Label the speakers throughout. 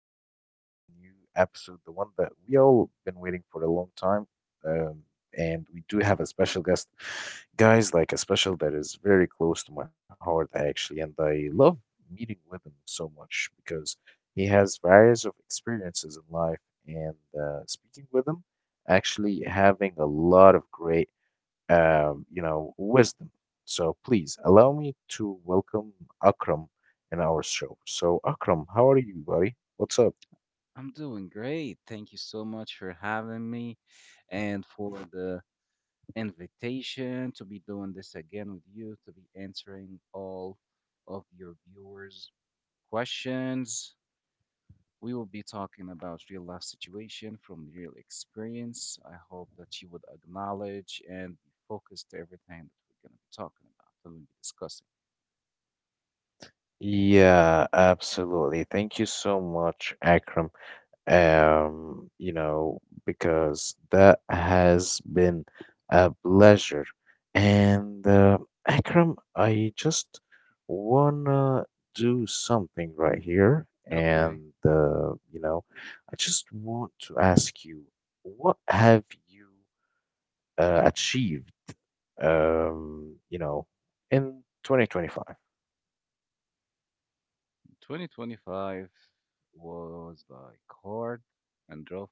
Speaker 1: with our today's new episode, the one that we all been waiting for a long time. Um, and we do have a special guest, guys, like a special that is very close to my heart, actually. And I love meeting with him so much because he has various of experiences in life. And speaking with him, actually having a lot of great wisdom. So please allow me to welcome Akram in our show. So Akram, how are you, buddy? What's up?
Speaker 2: I'm doing great. Thank you so much for having me and for the invitation to be doing this again with you, to be answering all of your viewers' questions. We will be talking about real life situation from real experience. I hope that you would acknowledge and be focused to everything that we're going to be talking about, that we'll be discussing.
Speaker 1: Yeah, absolutely. Thank you so much, Akram. um, you know, because that has been a pleasure. And Akram, I just wanna do something right here,
Speaker 2: Okay,
Speaker 1: and I just want to ask you, what have you achieved, um, you know, in 2025?
Speaker 2: 2025 was like hard and rough.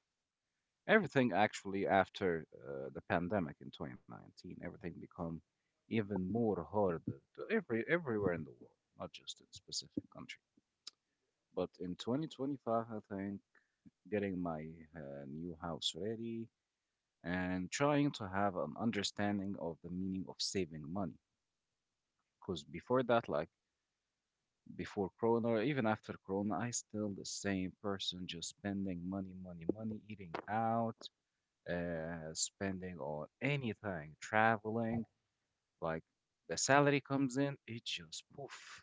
Speaker 2: Everything actually after the pandemic in 2019, everything become even more harder to everywhere in the world, not just in specific country. But in 2025, I think getting my new house ready and trying to have an understanding of the meaning of saving money. Because before that, like before Corona, or even after Corona, I still the same person, just spending money, money, money, eating out, spending on anything, traveling, like the salary comes in, it just poof.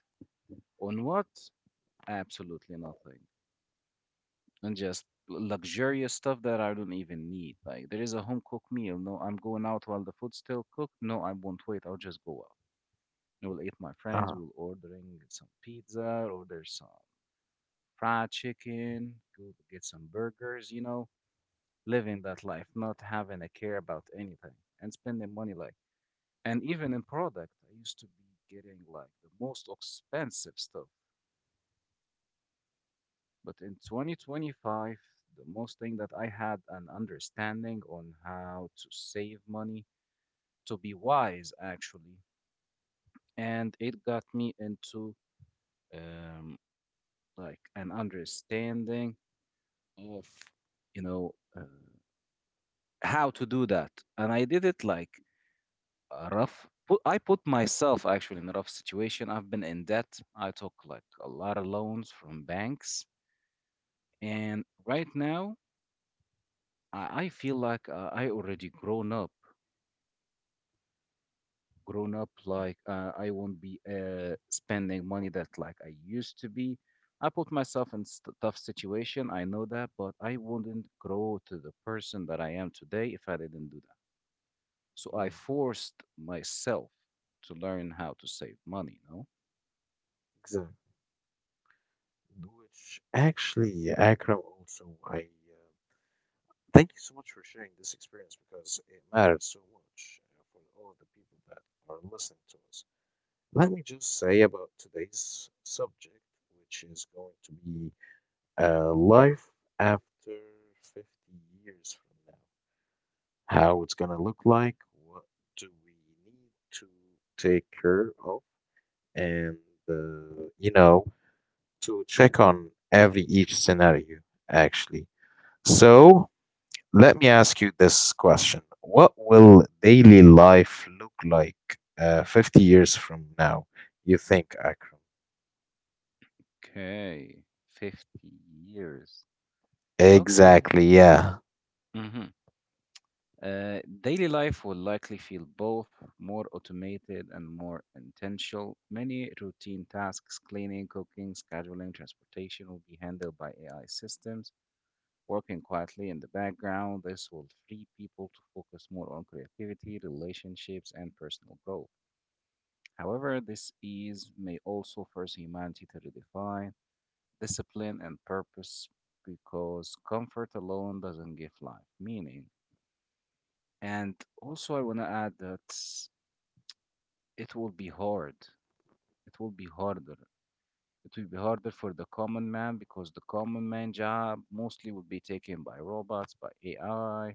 Speaker 2: On what? Absolutely nothing. And just luxurious stuff that I don't even need. Like there is a home cooked meal. No, I'm going out while the food's still cooked. No, I won't wait. I'll just go out. I will eat my friends.
Speaker 1: Uh,
Speaker 2: We'll ordering some pizza, order some fried chicken, go get some burgers, you know, living that life, not having a care about anything and spending money like. And even in product, I used to be getting like the most expensive stuff. But in 2025, the most thing that I had an understanding on how to save money, to be wise actually, and it got me into um, like an understanding of, you know, uh, how to do that. And I did it like a rough I put myself actually in a rough situation. I've been in debt. I took like a lot of loans from banks, and right now I feel like I already grown up
Speaker 1: mhm,
Speaker 2: like I won't be spending money that like I used to be. I put myself in tough situation. I know that, but I wouldn't grow to the person that I am today if I didn't do that. So I
Speaker 1: yeah.
Speaker 2: forced myself to learn how to save money, you know.
Speaker 1: Exactly. Which actually, Akram, also, I thank you so much for sharing this experience because it matters so much for all of the people that are listening to us. Let me just say about today's subject, which is going to be life after 50 years from now. How it's going to look like, what do we need to take care of, and uh, you know, to check on every each scenario actually. So let me ask you this question. What will daily life look like 50 years from now, you think, Akram?
Speaker 2: Okay, 50 years. Okay.
Speaker 1: Exactly, yeah.
Speaker 2: hmm Daily life will likely feel both more automated and more intentional. Many routine tasks, cleaning, cooking, scheduling, transportation, will be handled by AI systems working quietly in the background. This will free people to focus more on creativity, relationships, and personal growth. However, this ease may also force humanity to redefine discipline, and purpose because comfort alone doesn't give life meaning. And also, I want to add that it will be hard. It will be harder. It will be harder for the common man because the common man job mostly will be taken by robots, by AI,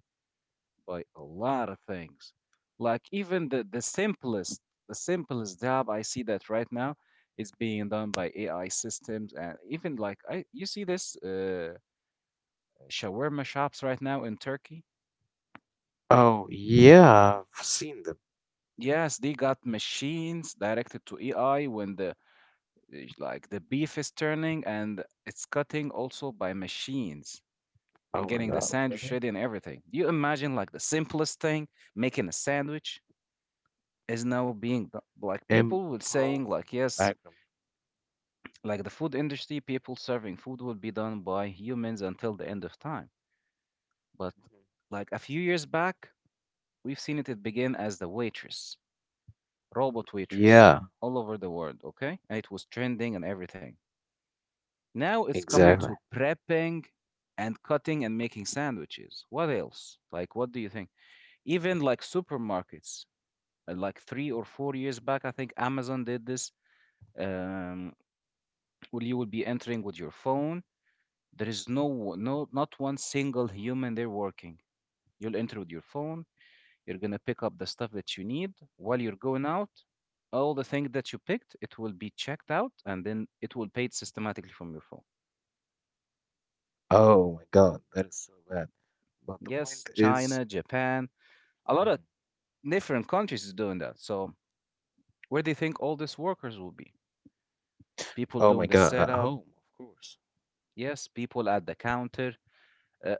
Speaker 2: by a lot of things. Like even the simplest job I see that right now is being done by AI systems, and even like I, you see this shawarma shops right now in Turkey.
Speaker 1: Oh, yeah, I've seen them.
Speaker 2: Yes, they got machines directed to AI when the is like the beef is turning and it's cutting also by machines and
Speaker 1: Oh my
Speaker 2: getting the
Speaker 1: God,
Speaker 2: sandwich
Speaker 1: really?
Speaker 2: ready and everything. You imagine like the simplest thing, making a sandwich is now being like people will
Speaker 1: Impossible
Speaker 2: saying like
Speaker 1: Akram.
Speaker 2: yes, like the food industry, people serving food will be done by humans until the end of time. But
Speaker 1: Mhm.
Speaker 2: like a few years back, we've seen it, it begin as the waitress, robot
Speaker 1: Yeah,
Speaker 2: waitress all over the world, okay? And it was trending and everything. Now it's coming
Speaker 1: exactly.
Speaker 2: to prepping and cutting and making sandwiches. What else? Like, what do you think? Even like supermarkets, like 3 or 4 years back, I think Amazon did this. Um, well, you will be entering with your phone. There is no, not one single human there working. You'll enter with your phone. You're gonna pick up the stuff that you need while you're going out. All the things that you picked, it will be checked out, and then it will pay it systematically from your phone.
Speaker 1: Oh my God, that is so bad. But the
Speaker 2: Yes,
Speaker 1: point is,
Speaker 2: China, Japan, a lot of
Speaker 1: mm,
Speaker 2: different countries is doing that. So where do you think all these workers will be? People
Speaker 1: oh
Speaker 2: doing
Speaker 1: my
Speaker 2: the
Speaker 1: god, at
Speaker 2: setup.
Speaker 1: home, of course.
Speaker 2: Yes, people at the counter. Uh,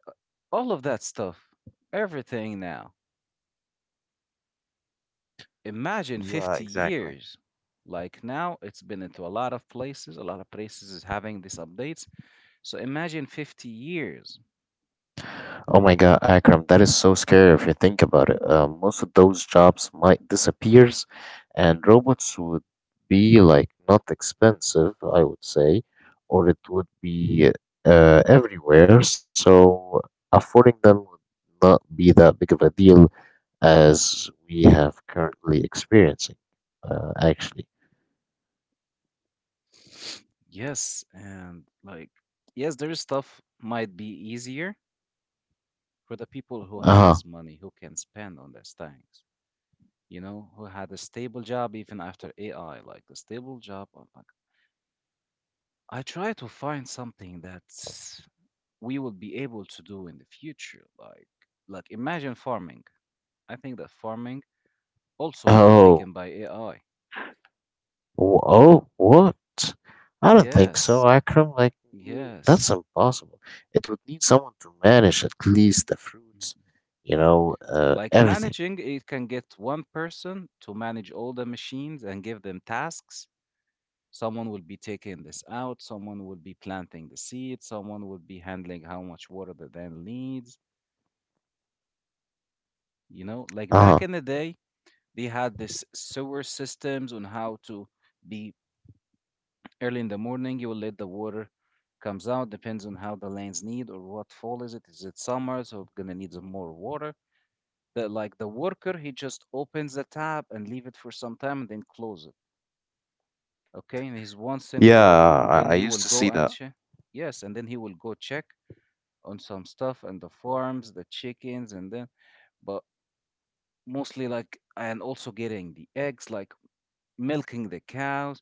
Speaker 2: all of that stuff. Everything now. Imagine
Speaker 1: Yeah,
Speaker 2: 50
Speaker 1: exactly.
Speaker 2: years. Like now, it's been into a lot of places. A lot of places is having these updates. So imagine 50 years.
Speaker 1: Oh my God, Akram, that is so scary if you think about it. Most of those jobs might disappears, and robots would be like not expensive, I would say, or it would be everywhere. So affording them would not be that big of a deal as we have currently experiencing, actually.
Speaker 2: Yes, and like yes, their stuff might be easier for the people who
Speaker 1: Uh-huh.
Speaker 2: has money who can spend on these things. You know, who had a stable job even after AI, like a stable job. I'm like, I try to find something that we will be able to do in the future. Like imagine farming. I think that farming also will be
Speaker 1: Oh.
Speaker 2: taken by AI.
Speaker 1: Oh, what? I don't think so,
Speaker 2: Yes,
Speaker 1: Akram. Like, mm, that's
Speaker 2: yes.
Speaker 1: impossible. It would need someone to manage at least the fruits,
Speaker 2: Mm-hmm.
Speaker 1: you know,
Speaker 2: Like
Speaker 1: everything.
Speaker 2: managing, it can get one person to manage all the machines and give them tasks. Someone will be taking this out, someone will be planting the seed, someone will be handling how much water the then needs. You know, like back in
Speaker 1: Uh-huh.
Speaker 2: the day, they had this sewer systems on how to be early in the morning. You will let the water comes out, depends on how the lanes need or what fall is it. Is it summer, so gonna need some more water? The Like the worker, he just opens the tap and leave it for some time and then close it, okay, and he's one single
Speaker 1: Yeah,
Speaker 2: worker, then
Speaker 1: I
Speaker 2: he
Speaker 1: used
Speaker 2: will
Speaker 1: to
Speaker 2: go
Speaker 1: see
Speaker 2: and
Speaker 1: that.
Speaker 2: check. Yes, and then he will go check on some stuff and the farms, the chickens, and then, but mostly like, and also getting the eggs, like milking the cows.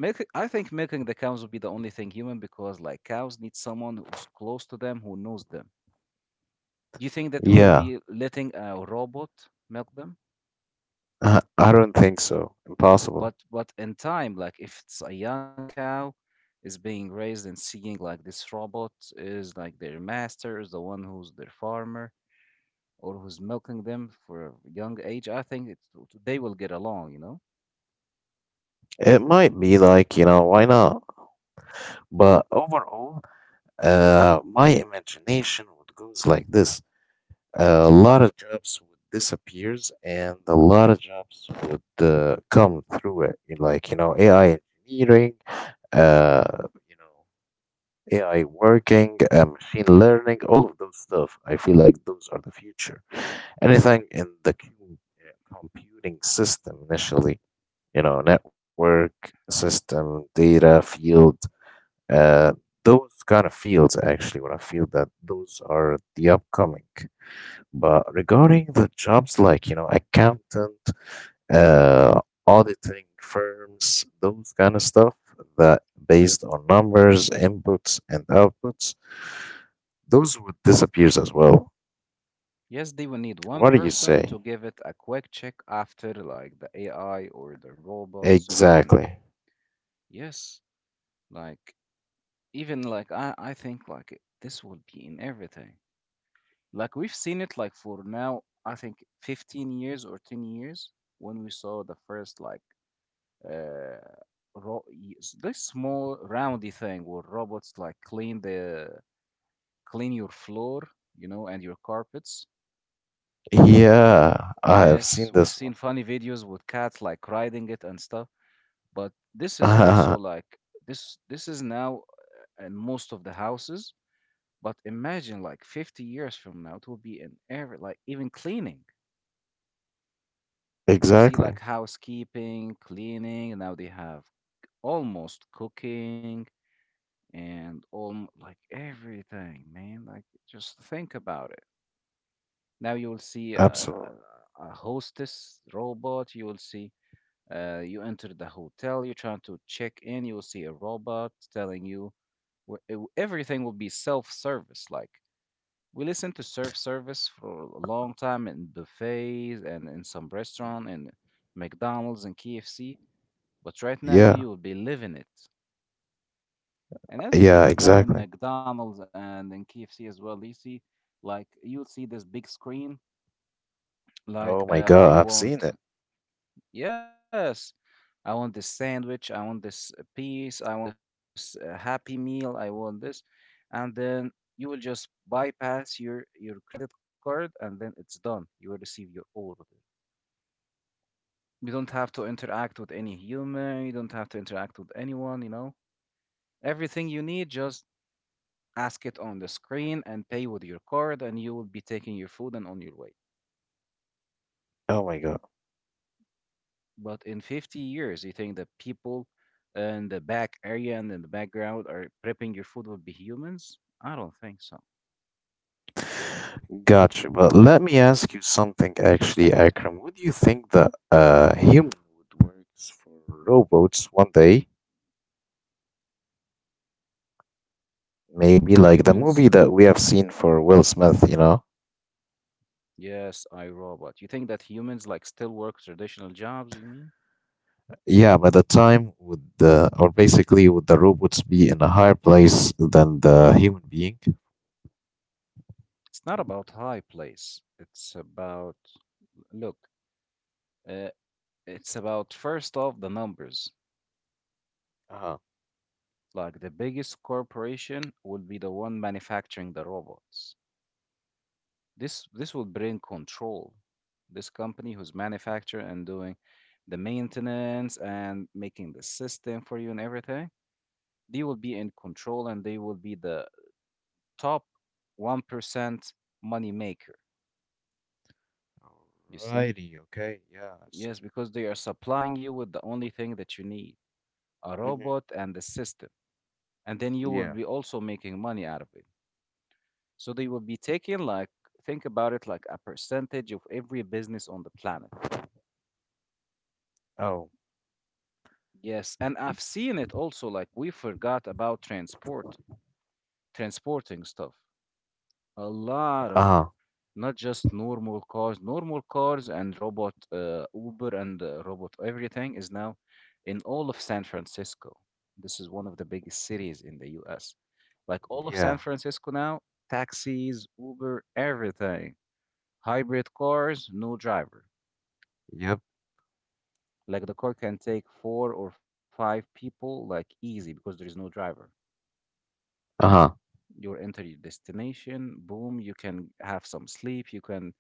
Speaker 2: Milk, I think milking the cows would be the only thing human because like cows need someone who's close to them who knows them. Do you think that we'll
Speaker 1: Yeah,
Speaker 2: be letting a robot milk them?
Speaker 1: I don't think so. Impossible.
Speaker 2: But in time, like if it's a young cow is being raised and seeing like this robot is like their master is the one who's their farmer or who's milking them for a young age, I think it, they will get along, you know.
Speaker 1: It might be like, you know, why not? But overall, my imagination would goes like this. A lot of jobs would disappears and a lot of jobs would come through it. You like you know AI engineering, uh you know, AI working, machine learning, all of those stuff I feel like those are the future, anything in the computing system initially, you know, network system, data field, uh those kind of fields actually, what I feel that those are the upcoming. But regarding the jobs like, you know, accountant, uh, auditing firms, those kind of stuff that based on numbers, inputs, and outputs, those would disappear as well.
Speaker 2: Yes, they will need one
Speaker 1: What do you
Speaker 2: person
Speaker 1: say?
Speaker 2: to give it a quick check after like the AI or the robots or and
Speaker 1: Exactly.
Speaker 2: yes, like even like I think like this will be in everything. Like we've seen it like for now, I think 15 years or 10 years when we saw the first like uh this small roundy thing where robots like clean your floor, you know, and your carpets.
Speaker 1: Yeah, I have
Speaker 2: Yes,
Speaker 1: seen
Speaker 2: we've
Speaker 1: this one.
Speaker 2: seen funny videos with cats like riding it and stuff, but this is also like this is now in most of the houses, but imagine like 50 years from now it will be in every like even cleaning. You see,
Speaker 1: Exactly.
Speaker 2: like housekeeping, cleaning, and now they have almost cooking and all like everything, man. Like, just think about it. Now you will see
Speaker 1: Absolutely.
Speaker 2: a hostess robot. You will see, you enter the hotel, you're trying to check in, you will see a robot telling you where, everything will be self service. Like, we listened to self service for a long time in buffets and in some restaurant and McDonald's and KFC. But right now,
Speaker 1: Yeah.
Speaker 2: we will be living it. And as you
Speaker 1: Yeah,
Speaker 2: see right now in
Speaker 1: exactly.
Speaker 2: McDonald's and in KFC as well, you see, like, you'll see this big screen.
Speaker 1: Oh
Speaker 2: Like,
Speaker 1: my God,
Speaker 2: I
Speaker 1: I've seen it.
Speaker 2: want, yes, I want this sandwich. I want this piece. I want this happy meal. I want this. And then you will just bypass your credit card and then it's done. You will receive your order. You don't have to interact with any human. You don't have to interact with anyone, you know, everything you need just ask it on the screen and pay with your card and you will be taking your food and on your way.
Speaker 1: Oh my God.
Speaker 2: But in 50 years, you think that people in the back area and in the background are prepping your food will be humans? I don't think so.
Speaker 1: Gotcha. But let me ask you something actually, Akram. Would you think
Speaker 2: Mm.
Speaker 1: that human would work for robots one day? Maybe like the movie
Speaker 2: Humans,
Speaker 1: that we have seen for Will Smith, you know?
Speaker 2: yes. I, Robot. You think that humans like still work traditional jobs, you mean?
Speaker 1: Yeah, by the time would the or basically would the robots be in a higher place than the human being?
Speaker 2: It's not. Mm. About high place, it's about, look, uh, it's about first off the numbers.
Speaker 1: Uh-huh.
Speaker 2: Like the biggest corporation will be the one manufacturing the robots. This will bring control. This company who's manufacturing and doing the maintenance and making the system for you and everything, they will be in control and they will be the top 1% money maker. You see?
Speaker 1: Alrighty, okay, yeah, I see.
Speaker 2: Yes, because they are supplying you with the only thing that you need, a
Speaker 1: Hmm.
Speaker 2: robot and the system. And then you will
Speaker 1: Yeah.
Speaker 2: be also making money out of it. So they will be taking like, think about it, like a percentage of every business on the planet.
Speaker 1: Oh,
Speaker 2: Yes, and I've seen it also. Like, we forgot about transport, transporting stuff. A lot of
Speaker 1: uh-huh.
Speaker 2: not just normal cars and robot Uber and robot everything is now in all of San Francisco. This is one of the biggest cities in the U.S. Like all of San
Speaker 1: Yeah,
Speaker 2: Francisco now, taxis, Uber, everything. Hybrid cars, no driver.
Speaker 1: yep,
Speaker 2: Like the car can take four or five people, like easy because there is no driver.
Speaker 1: uh-huh.
Speaker 2: You're enter your destination, boom, you can have some sleep, you can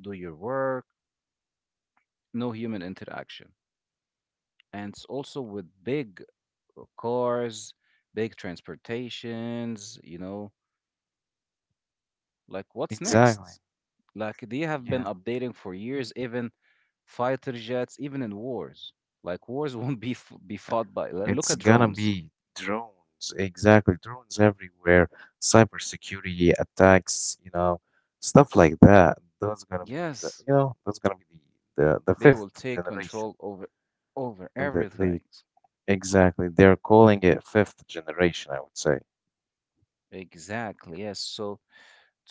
Speaker 2: do your work, no human interaction. And it's also with big cars, big transportations, you know, like what's
Speaker 1: Exactly.
Speaker 2: next? Like they have been
Speaker 1: Yeah,
Speaker 2: updating for years, even fighter jets, even in wars. Like wars won't be be fought by.
Speaker 1: it's
Speaker 2: Look at
Speaker 1: gonna
Speaker 2: drones.
Speaker 1: be drones, exactly. Drones everywhere, cybersecurity attacks, you know, stuff like that. Those gonna be the,
Speaker 2: Yes,
Speaker 1: you know, that's gonna be the
Speaker 2: they will
Speaker 1: fifth
Speaker 2: take
Speaker 1: generation.
Speaker 2: control over over
Speaker 1: And the
Speaker 2: everything.
Speaker 1: exactly, they're calling it fifth generation, I would say.
Speaker 2: Exactly. Yes. So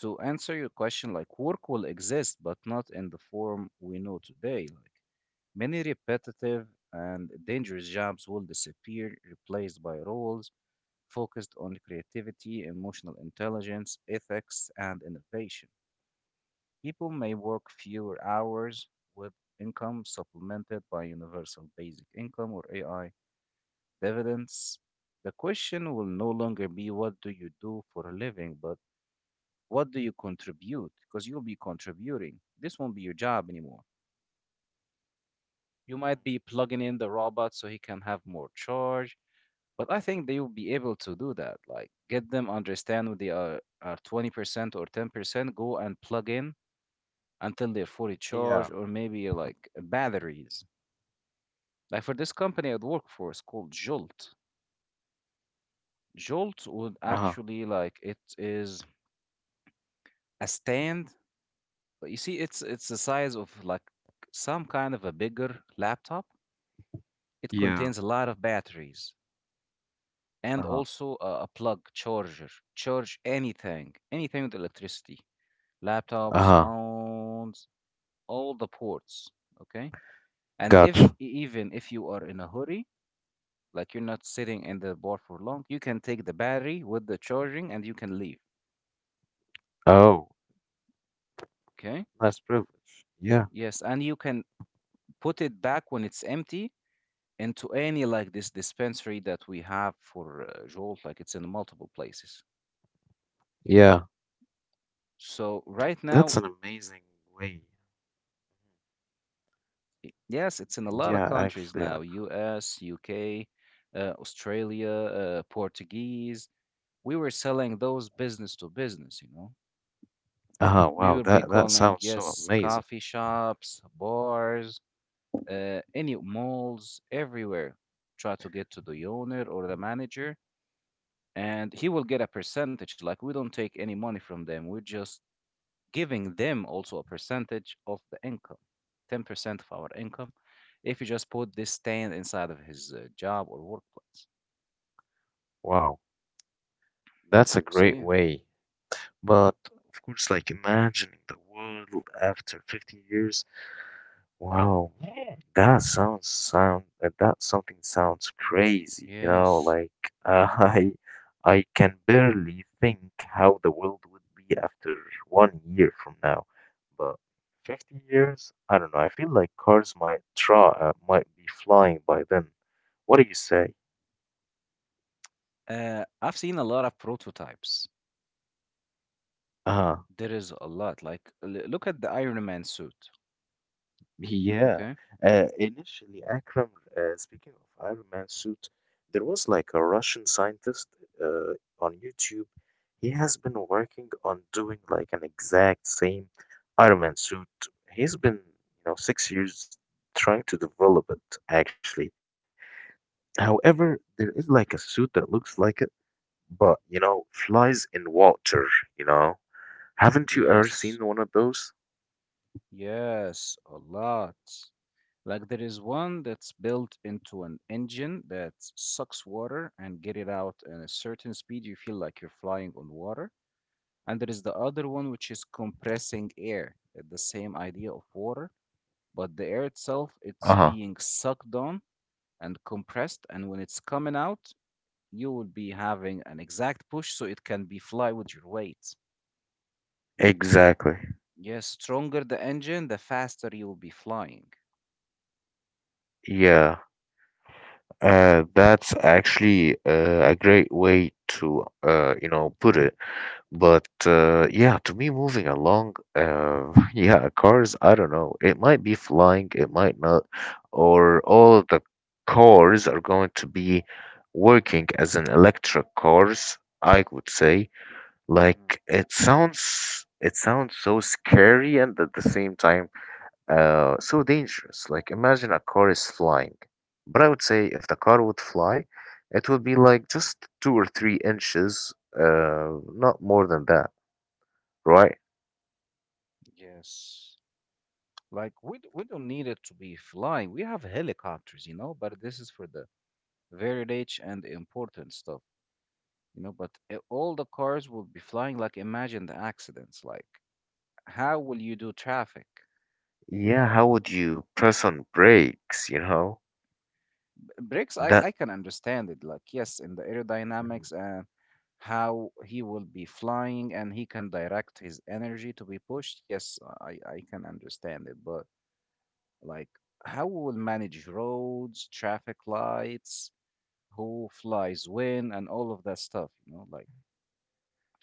Speaker 2: to answer your question, like work will exist, but not in the form we know today. Like, many repetitive and dangerous jobs will disappear, replaced by roles focused on creativity, emotional intelligence, ethics, and innovation. People may work fewer hours with income supplemented by universal basic income or AI dividends. The question will no longer be what do you do for a living, but what do you contribute? Because you'll be contributing. This won't be your job anymore. You might
Speaker 1: Mhm.
Speaker 2: be plugging in the robot so he can have more charge, but I think they will be able to do that. Like, get them understand what they are 20% or 10%, go and plug in until they're fully
Speaker 1: Yeah,
Speaker 2: charged, or maybe like batteries. Like, for this company I'd work for, it's called Jolt. Jolt would
Speaker 1: uh-huh.
Speaker 2: actually like it is a stand. You see, it's the size of like some kind of a bigger laptop. It
Speaker 1: Yeah,
Speaker 2: contains a lot of batteries and
Speaker 1: uh-huh.
Speaker 2: also a plug charger. Charge anything, anything with electricity, laptops,
Speaker 1: Uh-huh.
Speaker 2: phones, all the ports. Okay. And if
Speaker 1: Gotcha.
Speaker 2: e, even if you are in a hurry, like you're not sitting in the bar for long, you can take the battery with the charging and you can leave.
Speaker 1: Oh.
Speaker 2: Okay.
Speaker 1: Less privilege. Yeah,
Speaker 2: Yes. And you can put it back when it's empty into any like this dispensary that we have for Jolt, like it's in multiple places.
Speaker 1: yeah.
Speaker 2: So right now
Speaker 1: That's an amazing way.
Speaker 2: Yes, it's in a lot of
Speaker 1: Yeah,
Speaker 2: countries
Speaker 1: actually.
Speaker 2: now, US, UK, Australia, Portuguese. We were selling those business to business, you know.
Speaker 1: Ah,
Speaker 2: We
Speaker 1: wow.
Speaker 2: would be
Speaker 1: That that
Speaker 2: calling,
Speaker 1: sounds so
Speaker 2: yes,
Speaker 1: amazing.
Speaker 2: coffee shops, bars, any malls, everywhere. Try to get to the owner or the manager, and he will get a percentage. Like, we don't take any money from them. We just giving them also a percentage of the income, 10% of our income, if you just put this stand inside of his job or workplace.
Speaker 1: Wow. That's a
Speaker 2: So
Speaker 1: great
Speaker 2: yeah,
Speaker 1: way. But of course, like imagining the world after 50 years, wow, that sounds sound that something sounds crazy, you know,
Speaker 2: yes.
Speaker 1: like uh, I I can barely think how the world would be after one year from now. But 50 years, I don't know. I feel like cars might try might be flying by then. What do you say?
Speaker 2: I've seen a lot of prototypes.
Speaker 1: Uh-huh.
Speaker 2: There is a lot. Like, look at the Iron Man suit.
Speaker 1: Yeah,
Speaker 2: Okay.
Speaker 1: initially, Akram, speaking of Iron Man suit, there was like a Russian scientist uh, on YouTube. He has been working on doing like an exact same Iron Man suit. He's been, you know, 6 years trying to develop it actually. However, there is like a suit that looks like it, but you know, flies in water, you know. Haven't you ever seen
Speaker 2: Yes.
Speaker 1: one of those?
Speaker 2: Yes. A lot. Like, there is one that's built into an engine that sucks water and get it out at a certain speed. You feel like you're flying on water. And there is the other one, which is compressing air. The same idea of water, but the air itself, it's
Speaker 1: Uh-huh.
Speaker 2: being sucked on and compressed. And when it's coming out, you will be having an exact push so it can be fly with your weight.
Speaker 1: Exactly.
Speaker 2: Yes, stronger the engine, the faster you will be flying.
Speaker 1: Yeah. That's actually a great way to you know put it. But yeah, to me, moving along, yeah, cars. I don't know. It might be flying. It might not. Or all the cars are going to be working as an electric cars. I would say. Like
Speaker 2: hmm
Speaker 1: it sounds. It sounds so scary, and at the same time so dangerous. Like, imagine a car is flying. But I would say if the car would fly, it would be like just 2 or 3 inches, not more than that, right?
Speaker 2: Yes. Like we we don't need it to be flying. We have helicopters, you know, but this is for the very rich and important stuff, you know, but all the cars will be flying. Like, imagine the accidents. Like, how will you do traffic?
Speaker 1: Yeah, how would you press on brakes, you know?
Speaker 2: Bricks, I
Speaker 1: That
Speaker 2: can understand it. Like, yes, in the
Speaker 1: Mhm.
Speaker 2: aerodynamics and how he will be flying and he can direct his energy to be pushed. Yes, I can understand it. But, like, how we will manage roads, traffic lights, who flies when, and all of that stuff, you know, like,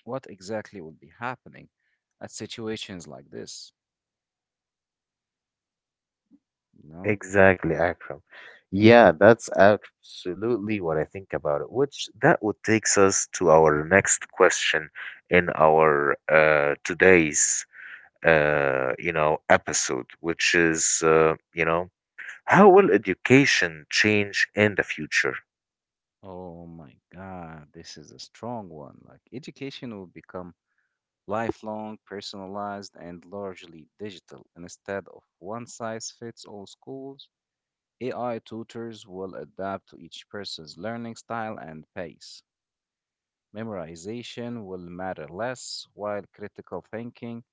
Speaker 2: what exactly will be happening at situations like this, you know?
Speaker 1: Exactly, Akram. Yeah, that's absolutely what I think about it. Which that would takes us to our next question in our today's episode, which is how will education change in the future?
Speaker 2: Oh my God, this is a strong one. Like, education will become lifelong, personalized, and largely digital. And instead of one size fits all schools, AI tutors will adapt to each person's learning style and pace. Memorization will matter less, while critical thinking,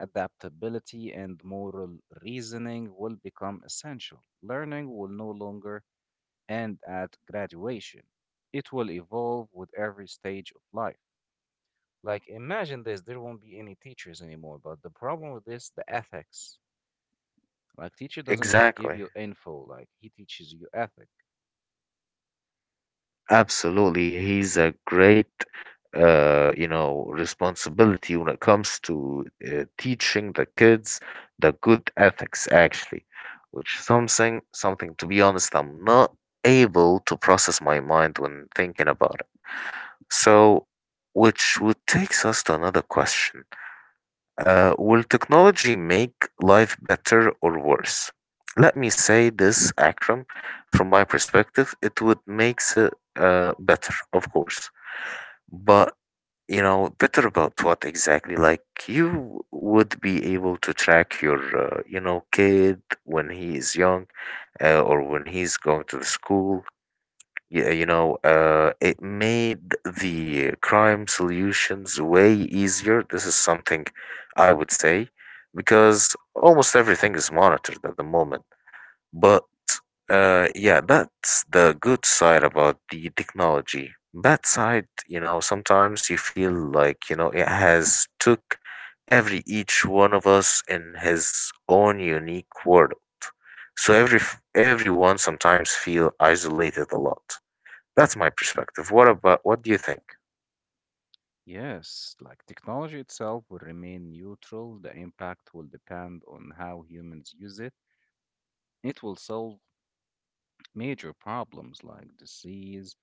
Speaker 2: adaptability, and moral reasoning will become essential. Learning will no longer and at graduation. It will evolve with every stage of life. Like, imagine this, there won't be any teachers anymore, but the problem with this, the ethics. Like, teacher doesn't just give
Speaker 1: Exactly,
Speaker 2: you info, like, he teaches you ethic.
Speaker 1: absolutely. He's a great responsibility when it comes to teaching the kids the good ethics actually, which something to be honest, I'm not able to process my mind when thinking about it. So, which would takes us to another question. Will technology make life better or worse? Let me say this, Akram. From my perspective, it would make it better, of course. But, you know, better about what exactly? Like, you would be able to track your, you know, kid when he is young or when he's going to the school, yeah, you know, it made the crime solutions way easier. This is something I would say because almost everything is monitored at the moment. But yeah, that's the good side about the technology. Bad side, you know, sometimes you feel like, you know, it has took every each one of us in his own unique world. So every everyone sometimes feel isolated a lot. That's my perspective. What about what do you think?
Speaker 2: Yes, like, technology itself will remain neutral. The impact will depend on how humans use it. It will solve major problems like disease,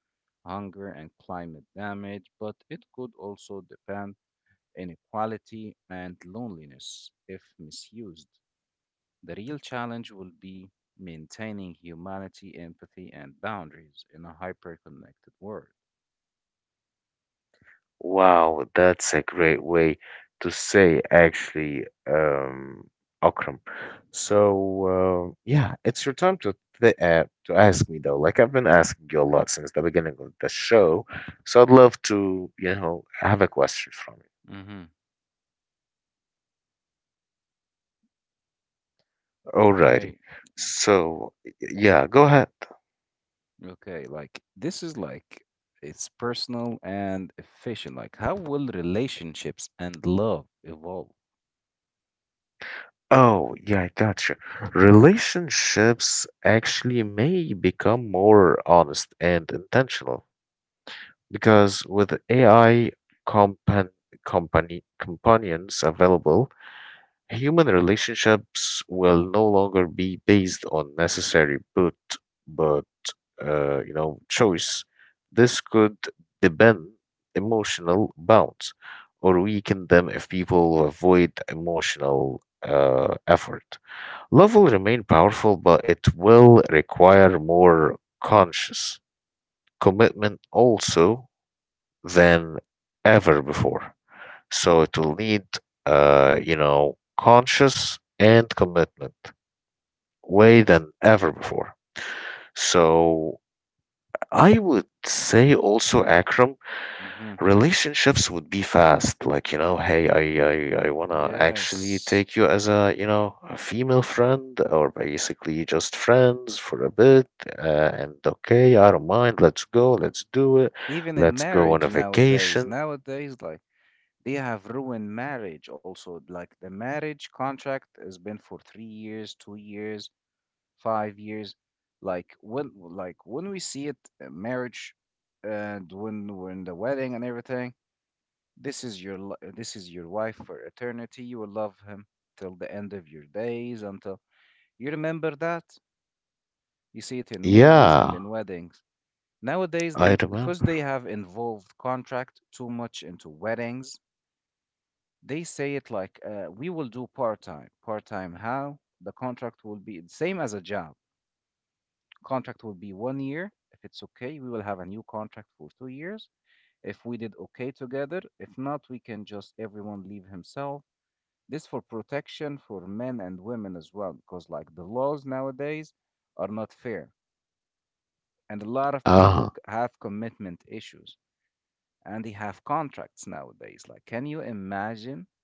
Speaker 2: hunger, and climate damage, but it could also depend inequality, and loneliness if misused. The real challenge will be maintaining humanity, empathy, and boundaries in a hyper-connected world.
Speaker 1: Wow, that's a great way to say actually, Akram. So, yeah, it's your time to th to ask me though. Like I've been asking you a lot since the beginning of the show, so I'd love to, you know, have a question from you.
Speaker 2: Mm-hmm.
Speaker 1: Alrighty.
Speaker 2: Okay.
Speaker 1: So, yeah, go ahead.
Speaker 2: Okay. Like, this is like it's personal and efficient. Like, how will relationships and love evolve?
Speaker 1: Oh, yeah, I gotcha. Relationships actually may become more honest and intentional, because with AI compan company companions available, human relationships will no longer be based on necessary but but you know choice. This could deepen emotional bonds or weaken them if people avoid emotional effort. Love will remain powerful, but it will require more conscious commitment also than ever before. So it will need, you know, conscious and commitment way than ever before. So I would say also, Akram,
Speaker 2: Mm-hmm.
Speaker 1: relationships would be fast. Like, you know, hey, I want to actually
Speaker 2: Yes.
Speaker 1: take you as a, you know, a female friend or basically just friends for a bit. And okay, I don't mind. Let's go. Let's do it.
Speaker 2: Even in
Speaker 1: Let's go
Speaker 2: marriage
Speaker 1: on a
Speaker 2: nowadays,
Speaker 1: vacation.
Speaker 2: nowadays, like they have ruined marriage also. Like, the marriage contract has been for 3 years, 2 years, 5 years. Like when we see it, marriage, and when we're in the wedding and everything, this is your wife for eternity. You will love him till the end of your days. Until you remember that, you see it in movies and in
Speaker 1: Yeah.
Speaker 2: weddings. Nowadays, they
Speaker 1: I
Speaker 2: because
Speaker 1: remember.
Speaker 2: they have involved contract too much into weddings. They say it like, we will do part time. Part time how? The contract will be the same as a job. Contract will be 1 year. If it's okay, we will have a new contract for 2 years. If we did okay together, if not, we can just everyone leave himself. This for protection for men and women as well, because like the laws nowadays are not fair. And a lot of
Speaker 1: Ah,
Speaker 2: people have commitment issues and they have contracts nowadays. Like, can you imagine?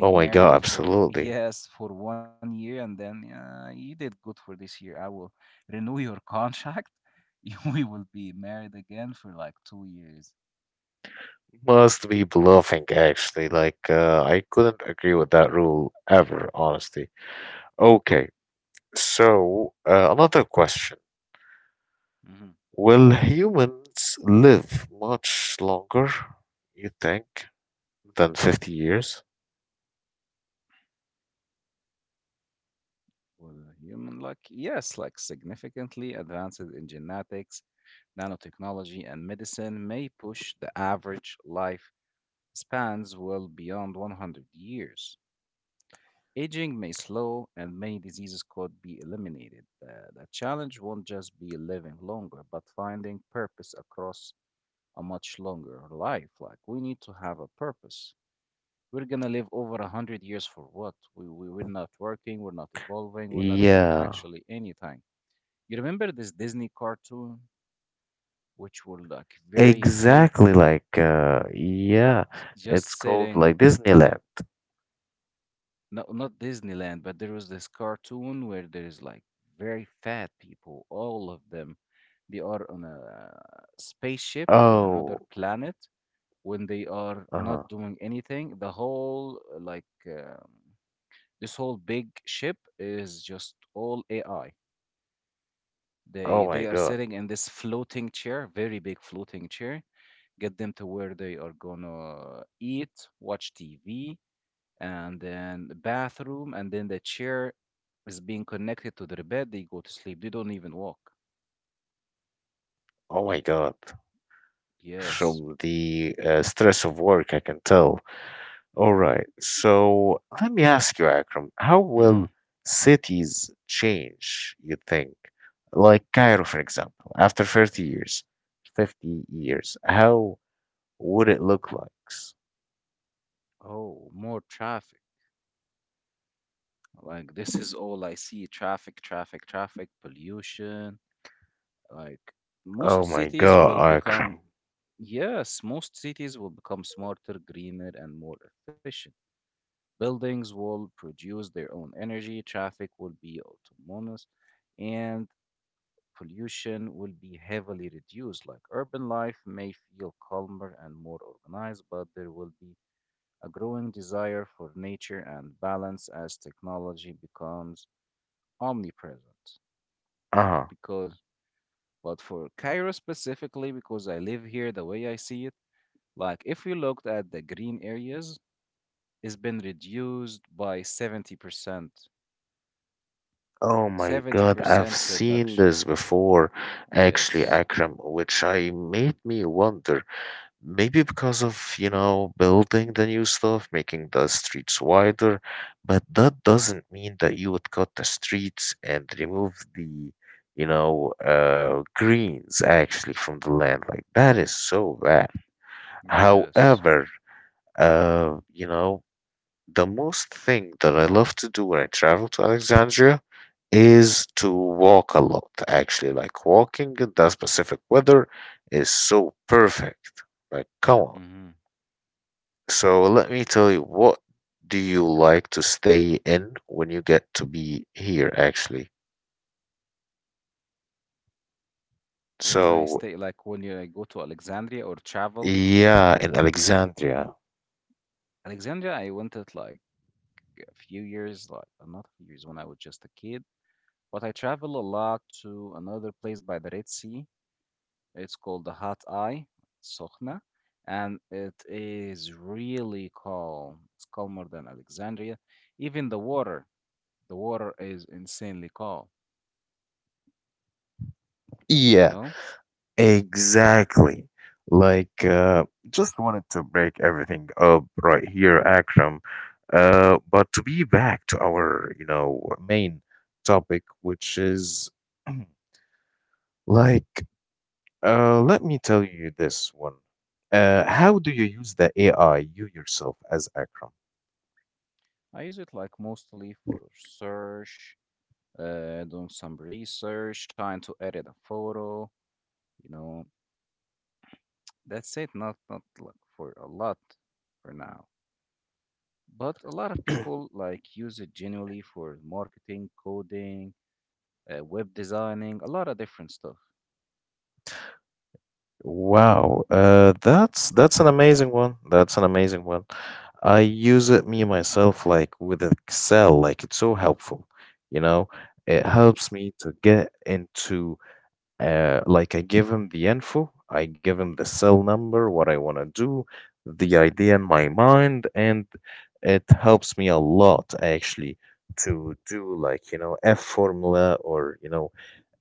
Speaker 1: oh my God,
Speaker 2: married for
Speaker 1: absolutely.
Speaker 2: yes for 1 year and then yeah you did good for this year I will renew your contract You- we will be married again for like 2 years.
Speaker 1: Must be bluffing, actually. Like, I couldn't agree with that rule ever, honestly. Okay, so another question.
Speaker 2: hmm
Speaker 1: Will humans live much longer, you think, than 50 years?
Speaker 2: Well, human luck, yes, like significantly advances in genetics, nanotechnology, and medicine may push the average life spans well beyond 100 years. Aging may slow and many diseases could be eliminated. The challenge won't just be living longer, but finding purpose across a much longer life. Like, we need to have a purpose. We're gonna live over 100 years for what? We're not working, we're not evolving, we're not doing
Speaker 1: Yeah,
Speaker 2: actually anything. You remember this Disney cartoon, which were like very big,
Speaker 1: exactly. Like, yeah, it's
Speaker 2: just
Speaker 1: called
Speaker 2: sitting.
Speaker 1: like Disneyland.
Speaker 2: No, not Disneyland, but there was this cartoon where there is like very fat people, all of them. They are on a spaceship or another
Speaker 1: Oh,
Speaker 2: planet when they are not
Speaker 1: uh-huh.
Speaker 2: doing anything. The whole, like, this whole big ship is just all AI. They
Speaker 1: Oh
Speaker 2: they are
Speaker 1: my God.
Speaker 2: sitting in this floating chair, very big floating chair. Get them to where they are gonna eat, watch TV, and then the bathroom, and then the chair is being connected to their bed. They go to sleep. They don't even walk.
Speaker 1: Oh my God. From
Speaker 2: Yes.
Speaker 1: the stress of work, I can tell. All right. So let me ask you, Akram, how will
Speaker 2: hmm
Speaker 1: cities change, you think? Like Cairo, for example, after 30 years, 50 years, how would it look like?
Speaker 2: Oh, more traffic. Like this is all I see: traffic, traffic, traffic, pollution. Like,
Speaker 1: Oh
Speaker 2: most
Speaker 1: my
Speaker 2: cities
Speaker 1: God,
Speaker 2: will
Speaker 1: Akram.
Speaker 2: become, yes, most cities will become smarter, greener, and more efficient. Buildings will produce their own energy. Traffic will be autonomous, and pollution will be heavily reduced. Like, urban life may feel calmer and more organized, but there will be a growing desire for nature and balance as technology becomes omnipresent.
Speaker 1: Uh-huh.
Speaker 2: Because, but for Cairo specifically, because I live here, the way I see it, like if we looked at the green areas, it's been reduced by 70%.
Speaker 1: Oh my God, I've
Speaker 2: 70%
Speaker 1: seen
Speaker 2: reduction.
Speaker 1: this before, actually,
Speaker 2: Yes.
Speaker 1: Akram, which I made me wonder. Maybe because of, you know, building the new stuff, making the streets wider, but that doesn't mean that you would cut the streets and remove the, you know, greens actually from the land. Like, that is so bad.
Speaker 2: Yes.
Speaker 1: However, uh, you know, the most thing that I love to do when I travel to Alexandria is to walk a lot, actually. Like, walking in that specific weather is so perfect. Like, come on.
Speaker 2: hmm
Speaker 1: So let me tell you, what do you like to stay in when you get to be here, actually?
Speaker 2: When did I
Speaker 1: So,
Speaker 2: stay? Like when you, I go to Alexandria or travel?
Speaker 1: yeah, in Alexandria.
Speaker 2: Alexandria, I went it like a few years, like not a few years when I was just a kid, but I travel a lot to another place by the Red Sea. It's called the Hot Eye, Sokhna, and it is really calm. It's calmer than Alexandria. Even the water is insanely calm, you
Speaker 1: Yeah,
Speaker 2: know?
Speaker 1: exactly. Just wanted to break everything up right here, Akram. But to be back to our, main topic, which is like let me tell you this one. How do you use the AI, you yourself, as Akram?
Speaker 2: I use it like mostly for search doing some research, trying to edit a photo. You know, that's it. Not like for a lot for now, but a lot of people like use it genuinely for marketing, coding, web designing, a lot of different stuff.
Speaker 1: Wow, that's an amazing one. That's an amazing one. I use it me myself, like with Excel. Like it's so helpful. You know, it helps me to get into like I give him the info, I give him the cell number, what I want to do, the idea in my mind, and it helps me a lot actually to do like F formula or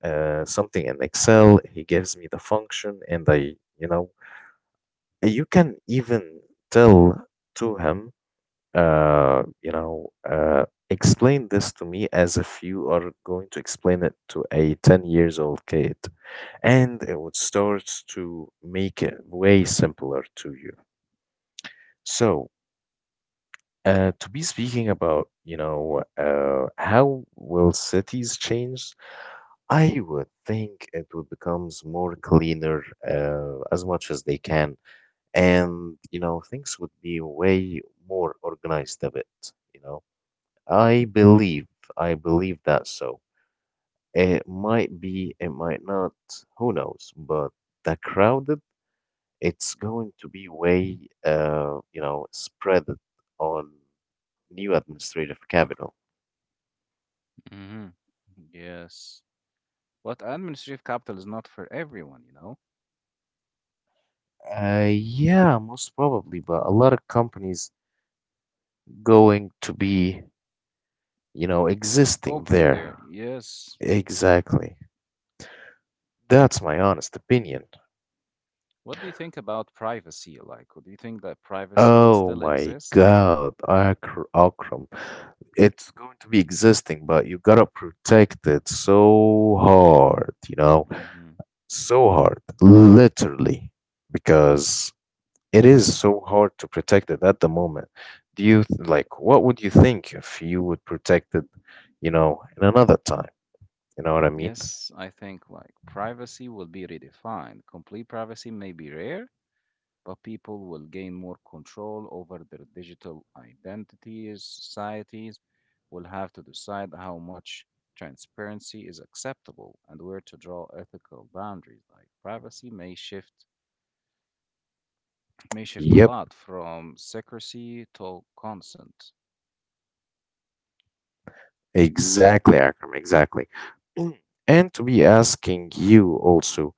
Speaker 1: something in Excel. He gives me the function, and I. You can even tell to him, uh, you know, uh, explain this to me as if you are going to explain it to a 10 years old kid. And it would start to make it way simpler to you. So, to be speaking about, how will cities change? I would think it would becomes more cleaner as much as they can, and you know things would be way more organized a bit, you know. i believe I believe that. So it might be, it might not, who knows, but the crowded, it's going to be way spread on new administrative capital.
Speaker 2: hmm Yes, but administrative capital is not for everyone. You know,
Speaker 1: Yeah, most probably, but a lot of companies going to be existing
Speaker 2: open there.
Speaker 1: there.
Speaker 2: Yes.
Speaker 1: Exactly, that's my honest opinion.
Speaker 2: What do you think about privacy? Like, do you think that privacy will
Speaker 1: Oh
Speaker 2: still
Speaker 1: my
Speaker 2: exist?
Speaker 1: God, Akram. It's going to be existing, but you gotta protect it so hard, you know, so hard, literally, because it is so hard to protect it at the moment. Like what would you think if you would protect it, you know, in another time? You know what I mean?
Speaker 2: Yes, I think like privacy will be redefined. Complete privacy may be rare, but people will gain more control over their digital identities. Societies will have to decide how much transparency is acceptable and where to draw ethical boundaries. Like, privacy may shift a
Speaker 1: Yep.
Speaker 2: lot from secrecy to consent.
Speaker 1: Exactly, Akram, exactly. Mm. And to be asking you also,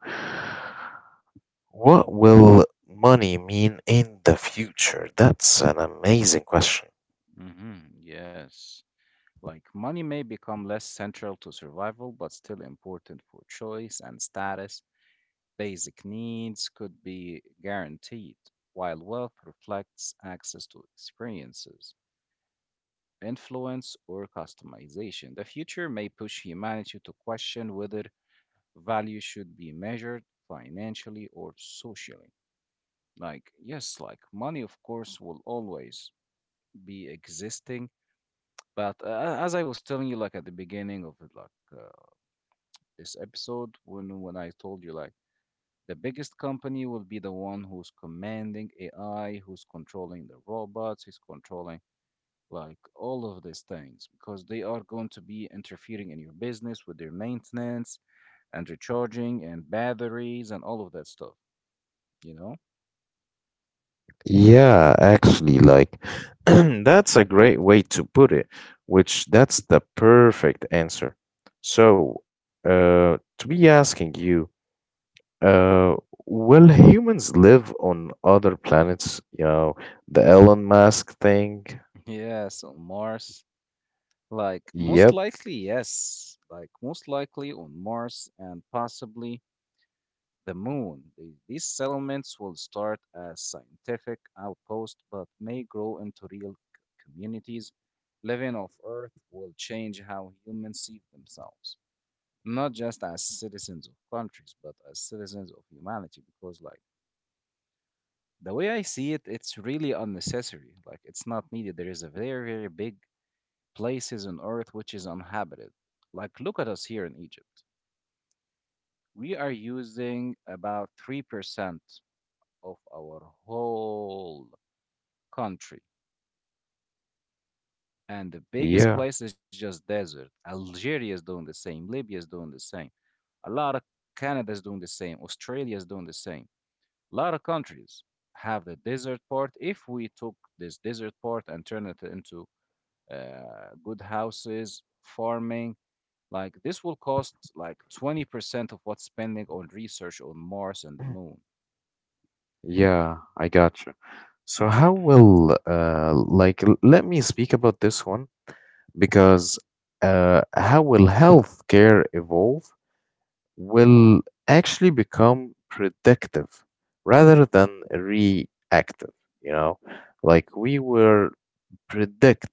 Speaker 1: what will money mean in the future? That's an amazing question.
Speaker 2: Yes. Like, money may become less central to survival, but still important for choice and status. Basic needs could be guaranteed, while wealth reflects access to experiences, influence, or customization. The future may push humanity to question whether value should be measured financially or socially. Like, yes, like money, of course, will always be existing. But as I was telling you, like at the beginning of like this episode, when I told you like the biggest company will be the one who's commanding AI, who's controlling the robots, who's controlling like all of these things because they are going to be interfering in your business with their maintenance and recharging and batteries and all of that stuff, you know?
Speaker 1: Yeah, actually, like that's a great way to put it, which that's the perfect answer. So, to be asking you, uh, will humans live on other planets? You know, the Elon Musk thing.
Speaker 2: Yes, on Mars. Like, most
Speaker 1: Yep.
Speaker 2: likely, yes. Like, most likely on Mars and possibly the moon. These settlements will start as scientific outposts but may grow into real communities. Living off Earth will change how humans see themselves, not just as citizens of countries, but as citizens of humanity. Because, like, the way I see it, it's really unnecessary. Like, it's not needed. There is a very, very big places on Earth which is uninhabited. Like, look at us here in Egypt. We are using about 3% of our whole country. And the biggest
Speaker 1: Yeah.
Speaker 2: place is just desert. Algeria is doing the same. Libya is doing the same. A lot of Canada is doing the same. Australia is doing the same. A lot of countries have the desert part. If we took this desert part and turn it into good houses, farming, like this will cost like 20% of what's spending on research on Mars and the moon.
Speaker 1: Yeah, I got you. So how will like let me speak about this one, because how will healthcare evolve? Will actually become predictive rather than reactive, you know? Like we will predict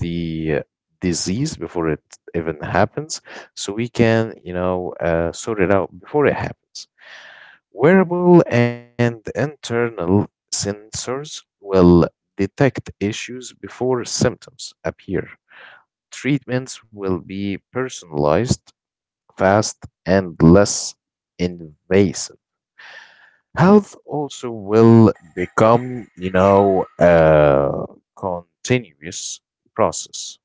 Speaker 1: the disease before it even happens, so we can, sort it out before it happens. Wearable and internal sensors will detect issues before symptoms appear. Treatments will be personalized, fast, and less invasive. Health also will become, you know, a continuous process,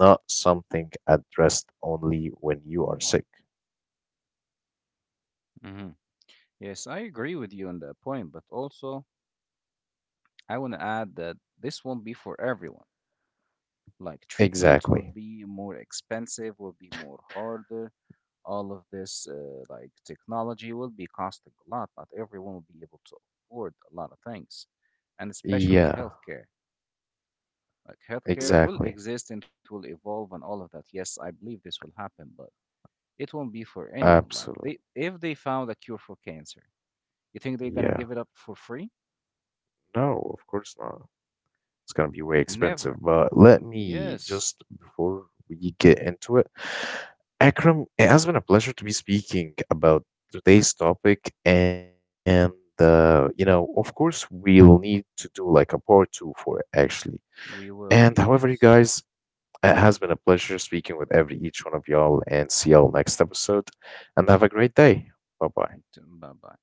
Speaker 1: not something addressed only when you are sick.
Speaker 2: hmm Yes, I agree with you on that point, but also I want to add that this won't be for everyone. Like, treatment will
Speaker 1: Exactly.
Speaker 2: be more expensive, will be more harder. All of this, like technology, will be costing a lot. Not everyone will be able to afford a lot of things, and especially
Speaker 1: Yeah,
Speaker 2: healthcare. Like, healthcare will
Speaker 1: exactly.
Speaker 2: exist and will evolve and all of that. Yes, I believe this will happen, but it won't be for anyone. Like
Speaker 1: Absolutely.
Speaker 2: they, if they found a cure for cancer, you think they're gonna
Speaker 1: Yeah.
Speaker 2: give it up for free?
Speaker 1: No, of course not. It's gonna be way expensive.
Speaker 2: Never.
Speaker 1: But let me
Speaker 2: Yes,
Speaker 1: just before we get into it, Akram, it has been a pleasure to be speaking about today's topic, and you know, of course, we'll need to do like a part two for it, actually.
Speaker 2: we
Speaker 1: And however,
Speaker 2: will.
Speaker 1: you guys,
Speaker 2: Yes.
Speaker 1: it has been a pleasure speaking with every each one of y'all, and see y'all next episode, and have a great day. Bye bye.
Speaker 2: Bye bye.